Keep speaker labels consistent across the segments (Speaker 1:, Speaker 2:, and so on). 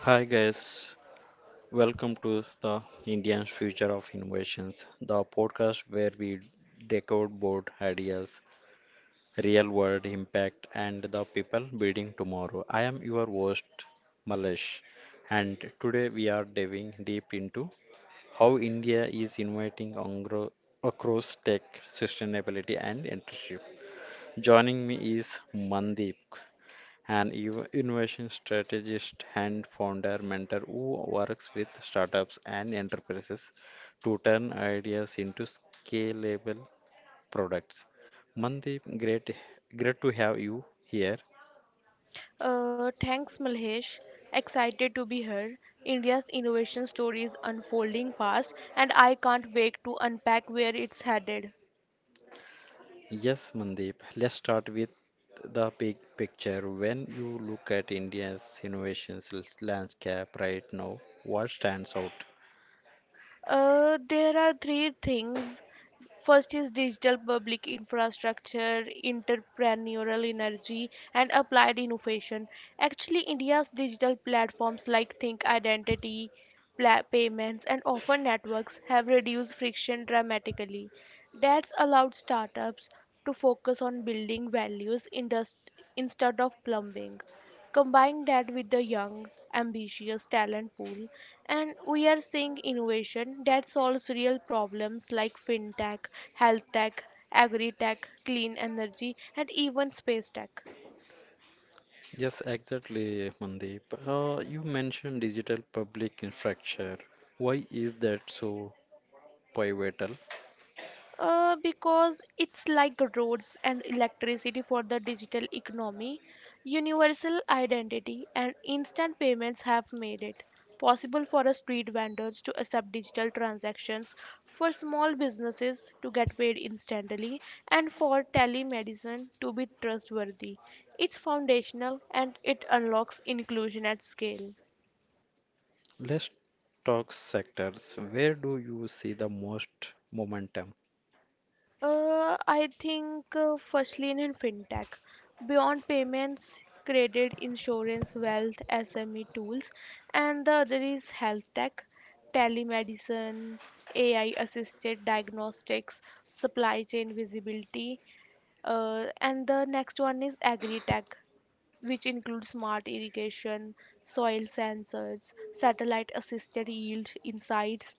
Speaker 1: Hi, guys. Welcome to the Indian Future of Innovations, the podcast where we decode board ideas, real world impact, and the people building tomorrow. I am your host, Malesh, and today we are diving deep into how India is innovating across tech, sustainability, and entrepreneurship. Joining me is Mandeep an innovation strategist and founder mentor who works with startups and enterprises to turn ideas into scalable products. Mandeep, great to have you here.
Speaker 2: Thanks, Malhesh. Excited to be here. India's innovation story is unfolding fast, and I can't wait to unpack where it's headed.
Speaker 1: Yes, Mandeep, let's start with the big picture. When you look at India's innovations landscape right now, what stands out?
Speaker 2: There are three things. First is digital public infrastructure, entrepreneurial energy, and applied innovation. Actually, India's digital platforms like Think Identity, payments, and offer networks have reduced friction dramatically. That's allowed startups to focus on building values instead of plumbing. Combine that with the young, ambitious talent pool, and we are seeing innovation that solves real problems like fintech, health tech, agri tech, clean energy, and even space tech.
Speaker 1: Yes, exactly, Mandeep. You mentioned digital public infrastructure. Why is that so pivotal?
Speaker 2: Because it's like roads and electricity for the digital economy, universal identity and instant payments have made it possible for a street vendors to accept digital transactions, for small businesses to get paid instantly, and for telemedicine to be trustworthy. It's foundational and it unlocks inclusion at scale.
Speaker 1: Let's talk sectors. Where do you see the most momentum?
Speaker 2: I think, first in fintech, beyond payments, credit, insurance, wealth, SME tools, and the other is health tech, telemedicine, AI assisted diagnostics, supply chain visibility, and the next one is agri tech, which include smart irrigation, soil sensors, satellite assisted yield insights.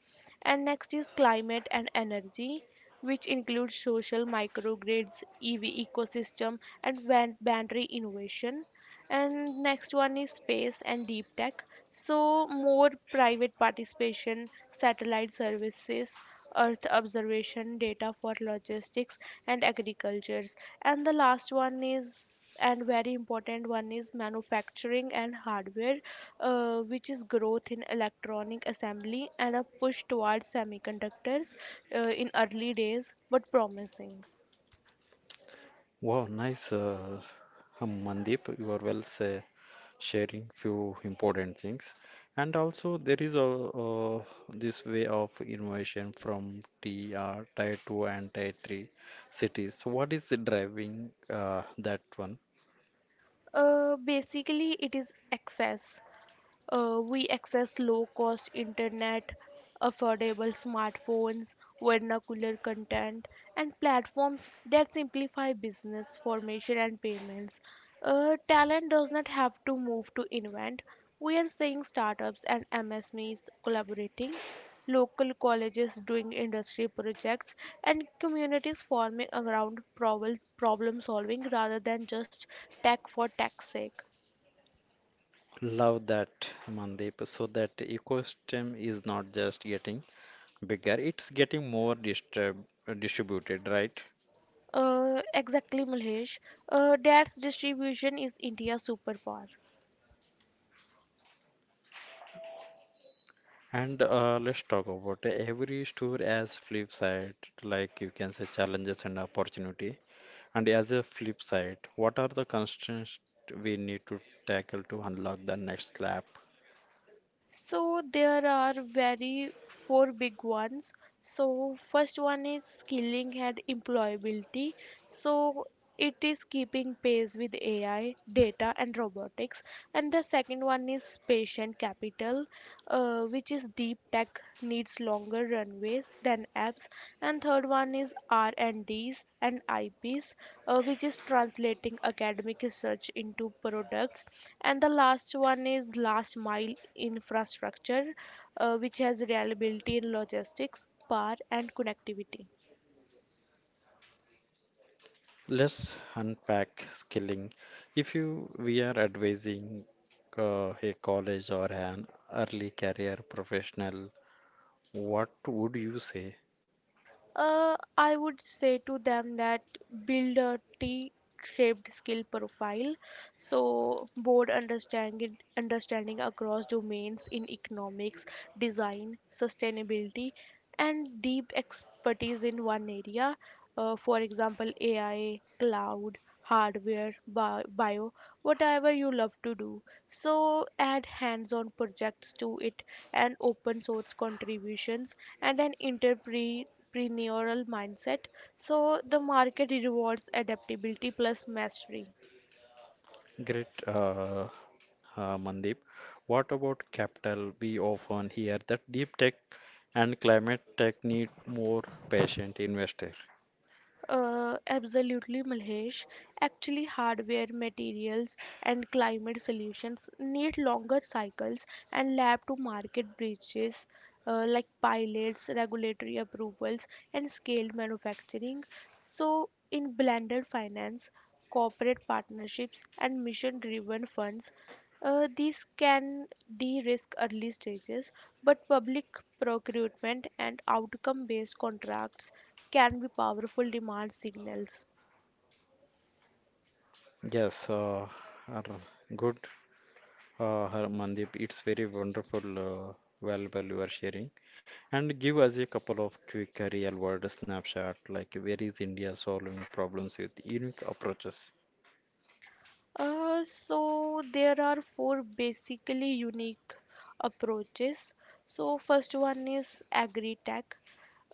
Speaker 2: And next is climate and energy, which includes social microgrids, EV ecosystem, and boundary innovation. And next one is space and deep tech, so more private participation, satellite services, earth observation data for logistics and agricultures. And the last one is, and very important one is, manufacturing and hardware, which is growth in electronic assembly and a push towards semiconductors, in early days but promising.
Speaker 1: Wow, nice, Mandeep. You are well say, sharing few important things. And also, there is this way of innovation from TR, Tier 2 and Tier 3 cities. So what is driving that one?
Speaker 2: Basically it is access. We access low cost internet, affordable smartphones, vernacular content, and platforms that simplify business formation and payments. Talent does not have to move to invent. We are seeing startups and MSMEs collaborating, local colleges doing industry projects, and communities forming around problem solving rather than just tech for tech's sake.
Speaker 1: Love that, Mandeep. So that ecosystem is not just getting bigger, it's getting more distributed, right?
Speaker 2: Exactly, Mahesh. That's distribution is India's superpower.
Speaker 1: And let's talk about every store as flip side, like you can say challenges and opportunity. And as a flip side, what are the constraints we need to tackle to unlock the next lap?
Speaker 2: So there are very four big ones. So first one is skilling and employability. So it is keeping pace with AI, data, and robotics. And the second one is patient capital, which is deep tech needs longer runways than apps. And third one is r&ds and Ds and ips, which is translating academic research into products. And the last one is last mile infrastructure, which has reliability in logistics power and connectivity.
Speaker 1: Let's unpack skilling. If you we are advising a college or an early career professional, what would you say?
Speaker 2: I would say to them that, build a T shaped skill profile, so broad understanding across domains in economics, design, sustainability, and deep expertise in one area, for example, AI, cloud, hardware, bio, whatever you love to do. So add hands on projects to it, and open source contributions, and an entrepreneurial mindset. So the market rewards adaptability plus mastery.
Speaker 1: Great, Mandeep. What about capital? We often hear that deep tech and climate tech need more patient investor.
Speaker 2: Absolutely, Malhesh. Actually, hardware, materials, and climate solutions need longer cycles and lab to market bridges, like pilots, regulatory approvals, and scaled manufacturing. So, in blended finance, corporate partnerships, and mission driven funds, these can de-risk early stages, but public procurement and outcome-based contracts can be powerful demand signals.
Speaker 1: Yes, uh, good, Mandeep. It's very wonderful, valuable you are sharing. And give us a couple of quick real world snapshot, like where is India solving problems with unique approaches?
Speaker 2: So there are four basically unique approaches. So first one is agri-tech.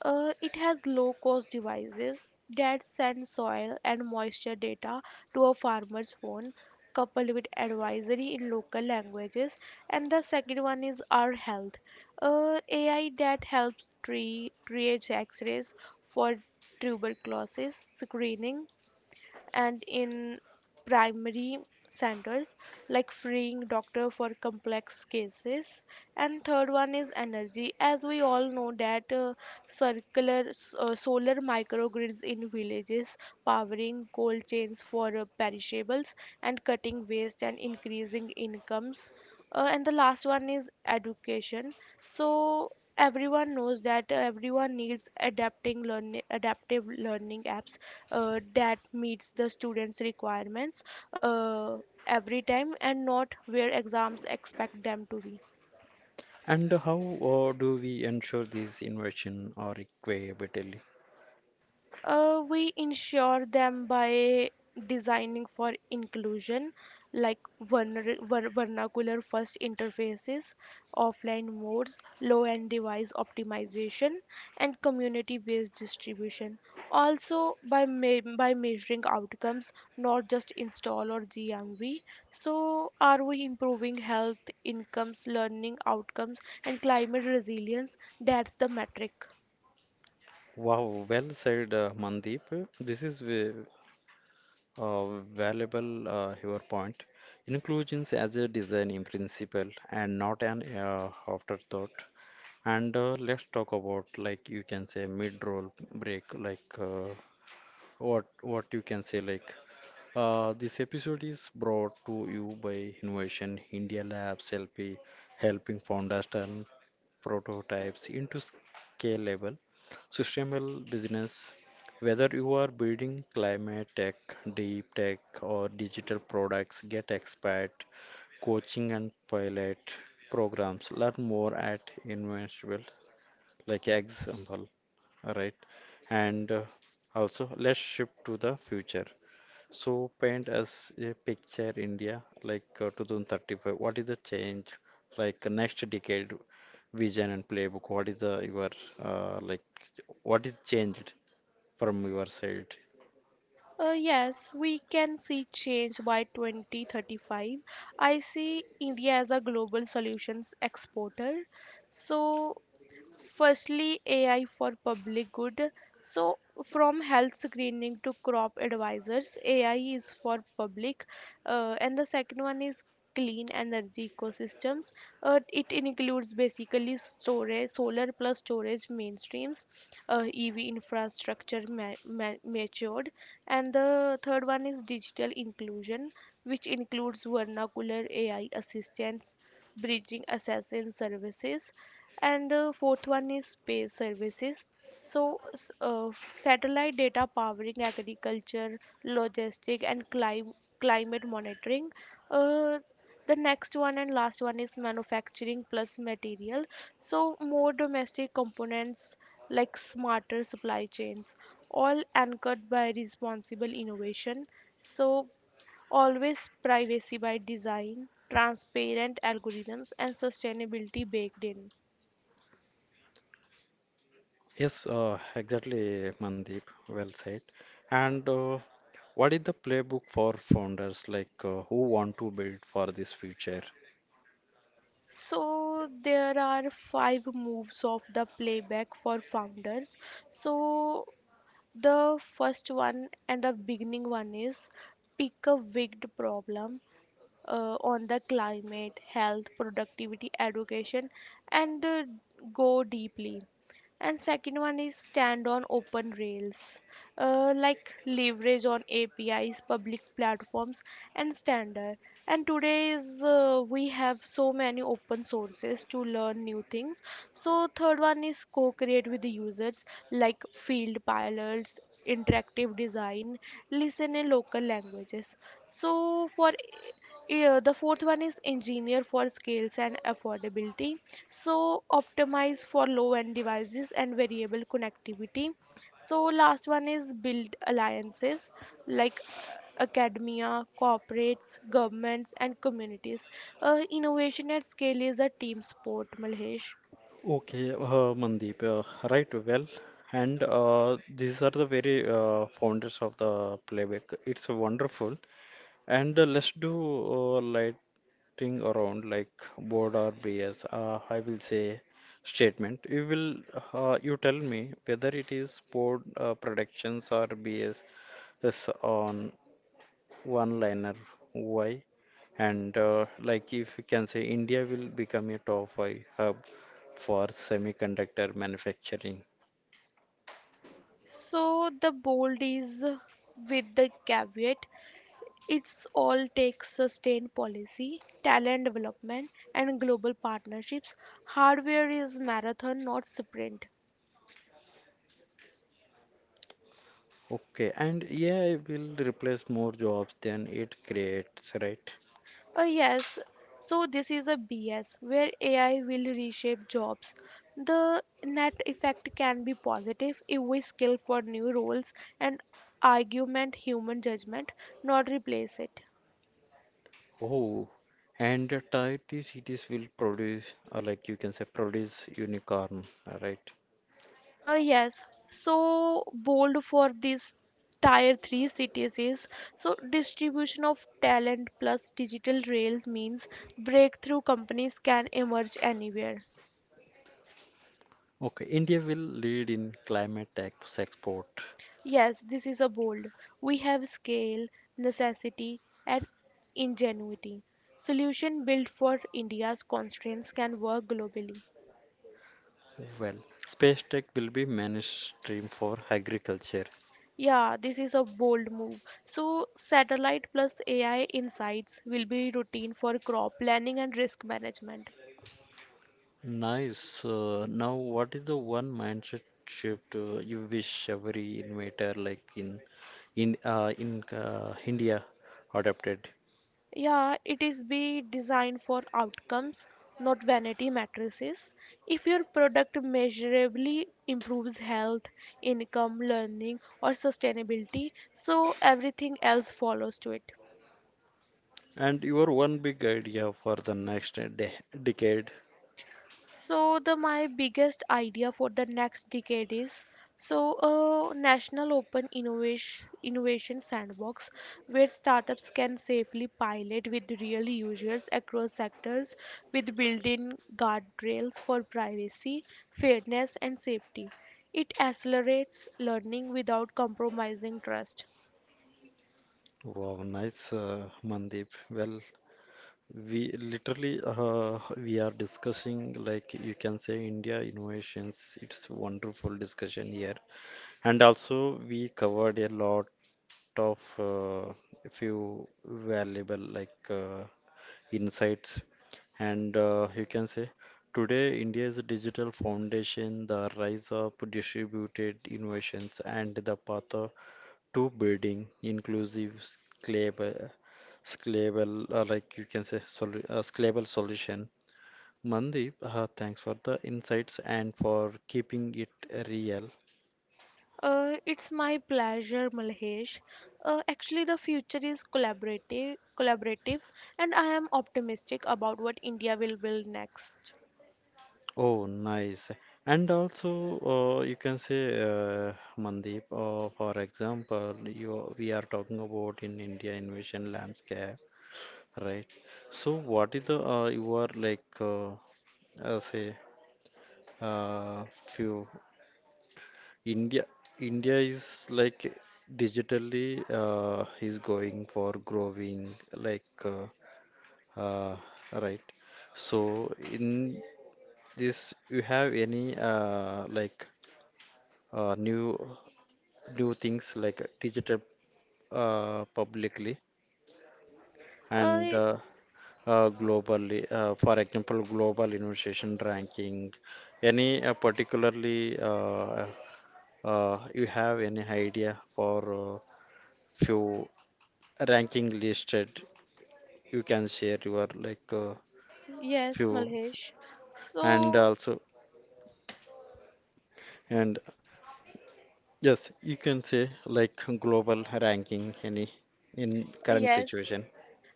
Speaker 2: It has low-cost devices that send soil and moisture data to a farmer's phone, coupled with advisory in local languages. And the second one is our health. AI that helps tree triage X-rays for tuberculosis screening and in primary centers, like freeing doctor for complex cases. And third one is energy, as we all know that, circular solar microgrids in villages, powering cold chains for, perishables, and cutting waste and increasing incomes. And the last one is education. So everyone knows that, everyone needs adapting learning, adaptive learning apps that meets the students' requirements uh, every time, and not where exams expect them to be.
Speaker 1: And how do we ensure these innovation are equitably?
Speaker 2: We ensure them by designing for inclusion, like vernacular first interfaces, offline modes, low end device optimization, and community based distribution. Also, by measuring outcomes, not just install or GMV. So, are we improving health, incomes, learning outcomes, and climate resilience? That's the metric.
Speaker 1: Wow, well said, Mandeep. This is uh, valuable your point. Inclusion as a design in principle and not an afterthought. And let's talk about, like you can say, mid-roll break, like what you can say, like this episode is brought to you by Innovation India Labs LP, helping founders turn prototypes into scalable, sustainable business. Whether you are building climate tech, deep tech, or digital products, get expert coaching and pilot programs. Learn more at Invincible, like example, all right? And also, let's shift to the future. So paint us a picture India like 2035. What is the change? Like next decade vision and playbook. What is the your like what is changed from your side?
Speaker 2: Yes, we can see change by 2035. I see India as a global solutions exporter. So, firstly, AI for public good. So, from health screening to crop advisors, AI is for public, and the second one is clean energy ecosystems. It includes basically storage, solar plus storage mainstreams, EV infrastructure matured. And the third one is digital inclusion, which includes vernacular AI assistants bridging assassin services. And fourth one is space services, so satellite data powering agriculture, logistic and climate monitoring. uh, the next one and last one is manufacturing plus material, so more domestic components, like smarter supply chains, all anchored by responsible innovation. So always privacy by design, transparent algorithms, and sustainability baked in.
Speaker 1: Yes, exactly, Mandeep. Well said. And what is the playbook for founders like who want to build for this future?
Speaker 2: So there are five moves of the playback for founders. So the first one and the beginning one is, pick a wigged problem, on the climate, health, productivity, education, and go deeply. And second one is stand on open rails, like leverage on APIs, public platforms, and standard. And today is, we have so many open sources to learn new things. So third one is co-create with the users, like field pilots, interactive design, listen in local languages. So for yeah, the fourth one is engineer for scales and affordability. So optimize for low-end devices and variable connectivity. So last one is build alliances, like academia, corporates, governments, and communities. Innovation at scale is a team sport, Malhesh.
Speaker 1: Okay, Mandeep, right, well, and these are the very founders of the playback. It's wonderful. And let's do lighting around, like, board or BS. I will say statement. You will, you tell me whether it is board predictions or BS is on one liner why, and like, if you can say, India will become a top five hub for semiconductor manufacturing.
Speaker 2: So the bold is, with the caveat, it's all takes sustained policy, talent development, and global partnerships. Hardware is marathon, not sprint.
Speaker 1: Okay, and AI will replace more jobs than it creates, right?
Speaker 2: Yes, so this is a BS where AI will reshape jobs. The net effect can be positive if we skill for new roles and argument human judgment, not replace it.
Speaker 1: Oh, and tier 3 cities will produce, or like you can say, produce unicorn, right?
Speaker 2: Yes, so bold for these tier 3 cities is, so distribution of talent plus digital rail means breakthrough companies can emerge anywhere.
Speaker 1: Okay, India will lead in climate tech export.
Speaker 2: Yes, this is a bold. We have scale, necessity, and ingenuity. Solution built for India's constraints can work globally.
Speaker 1: Well, space tech will be mainstream for agriculture.
Speaker 2: Yeah, this is a bold move. So, satellite plus AI insights will be routine for crop planning and risk management.
Speaker 1: Nice. Now, what is the one mindset shift you wish every innovator, like, in India, adopted?
Speaker 2: Yeah, it is be designed for outcomes, not vanity matrices. If your product measurably improves health, income, learning, or sustainability, so everything else follows to it.
Speaker 1: And your one big idea for the next de decade?
Speaker 2: So the my biggest idea for the next decade is, so a national open innovation sandbox where startups can safely pilot with real users across sectors, with built-in guardrails for privacy, fairness and safety. It accelerates learning without compromising trust.
Speaker 1: Wow, nice, Mandeep. Well, we literally we are discussing, like you can say, India innovations. It's wonderful discussion here, and also we covered a lot of few valuable like insights, and you can say, today India's digital foundation, the rise of distributed innovations and the path to building inclusive scalable, scalable like you can say scalable solution. Mandeep, thanks for the insights and for keeping it real.
Speaker 2: It's my pleasure, Malhesh. Actually, the future is collaborative, and I am optimistic about what India will build next.
Speaker 1: Oh, nice. And also, you can say, Mandeep, for example, you we are talking about in India invasion landscape, right? So, what is the you are, like, say, few India India is like digitally is going for growing, like, uh, right? So, in this, you have any like uh, new new things, like digital publicly and
Speaker 2: Uh,
Speaker 1: globally. For example, global innovation ranking. Any particularly you have any idea for few ranking listed? You can share your like
Speaker 2: yes,
Speaker 1: few
Speaker 2: Malhesh.
Speaker 1: and
Speaker 2: So,
Speaker 1: also and yes, you can say like global ranking any in current
Speaker 2: yes.
Speaker 1: situation.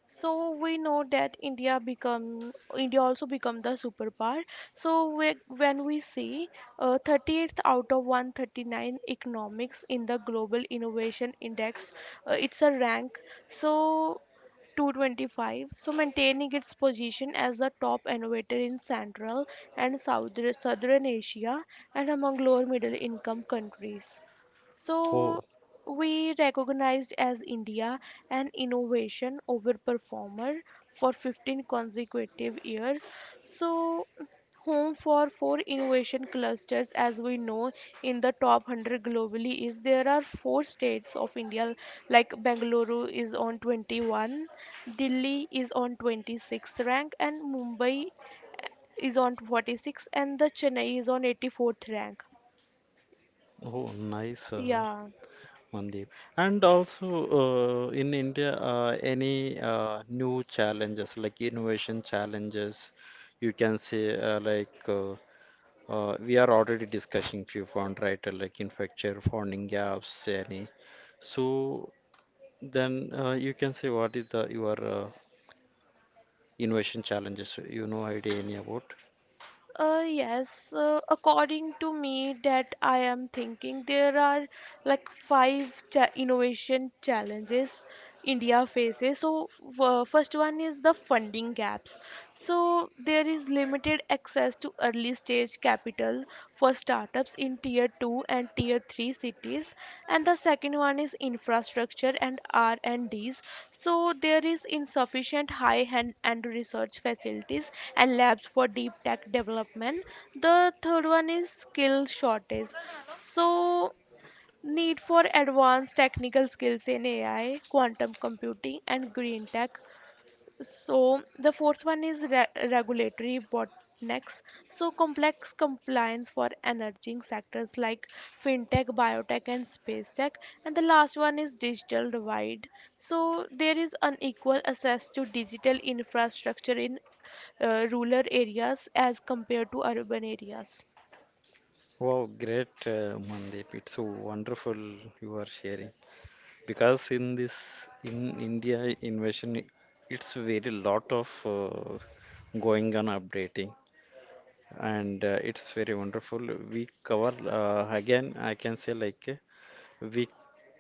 Speaker 2: So we know that India also become the superpower. So when we see 38th out of 139 economics in the Global Innovation Index, it's a rank. So 225, so maintaining its position as the top innovator in Central and Southern Asia, and among lower middle income countries.
Speaker 1: Oh,
Speaker 2: So we recognized as India an innovation overperformer for 15 consecutive years. So home for four innovation clusters, as we know, in the top 100 globally, is there are four states of India, like Bengaluru is on 21, Delhi is on 26 rank, and Mumbai, is on 46, and the Chennai is on 84th rank.
Speaker 1: oh, nice.
Speaker 2: Yeah.
Speaker 1: Mandeep. And also in India, any new challenges like innovation challenges, you can say like we are already discussing few font, right? Like infrastructure, funding gaps, any. So then you can say what is the your innovation challenges? You know idea any about?
Speaker 2: Yes, according to me, that I am thinking, there are like five cha innovation challenges India faces. So, first one is the funding gaps. So, there is limited access to early stage capital for startups in tier 2 and tier 3 cities. And the second one is infrastructure and R&Ds. So there is insufficient high-end and research facilities and labs for deep tech development. The third one is skill shortage. So need for advanced technical skills in AI, quantum computing and green tech. So the fourth one is regulatory bottlenecks. So complex compliance for emerging sectors like fintech, biotech, and space tech. And the last one is digital divide. So there is unequal access to digital infrastructure in rural areas as compared to urban areas.
Speaker 1: Wow, great, Mandeep. It's so wonderful you are sharing, because in this in India invasion, it's very lot of uh, going on updating, and it's very wonderful. We cover again. I can say like we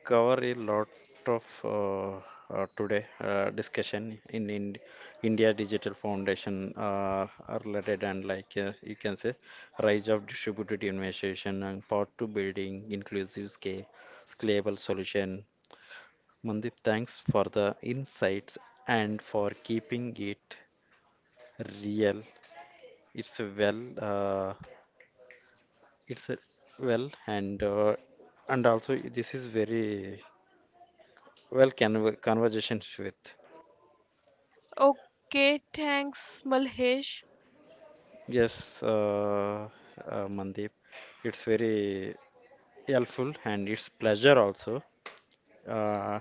Speaker 1: cover a lot of today discussion in India Digital Foundation are related, and like you can say rise of distributed innovation and part to building inclusive scale scalable solution. Mandip, thanks for the insights and for keeping it real. It's a well, uh, it's a well, and also this is very well can conversations with.
Speaker 2: Okay, thanks, Malhesh.
Speaker 1: Yes, Mandip, it's very helpful and it's pleasure also. Uh,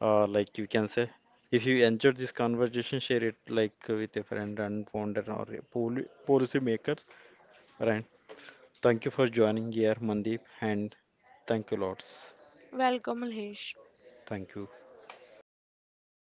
Speaker 1: like you can say, if you enjoyed this conversation, share it like with a friend and founder or a policy makers, right? Thank you for joining here, Mandeep, and thank you lots.
Speaker 2: Welcome, Malhesh.
Speaker 1: Thank you.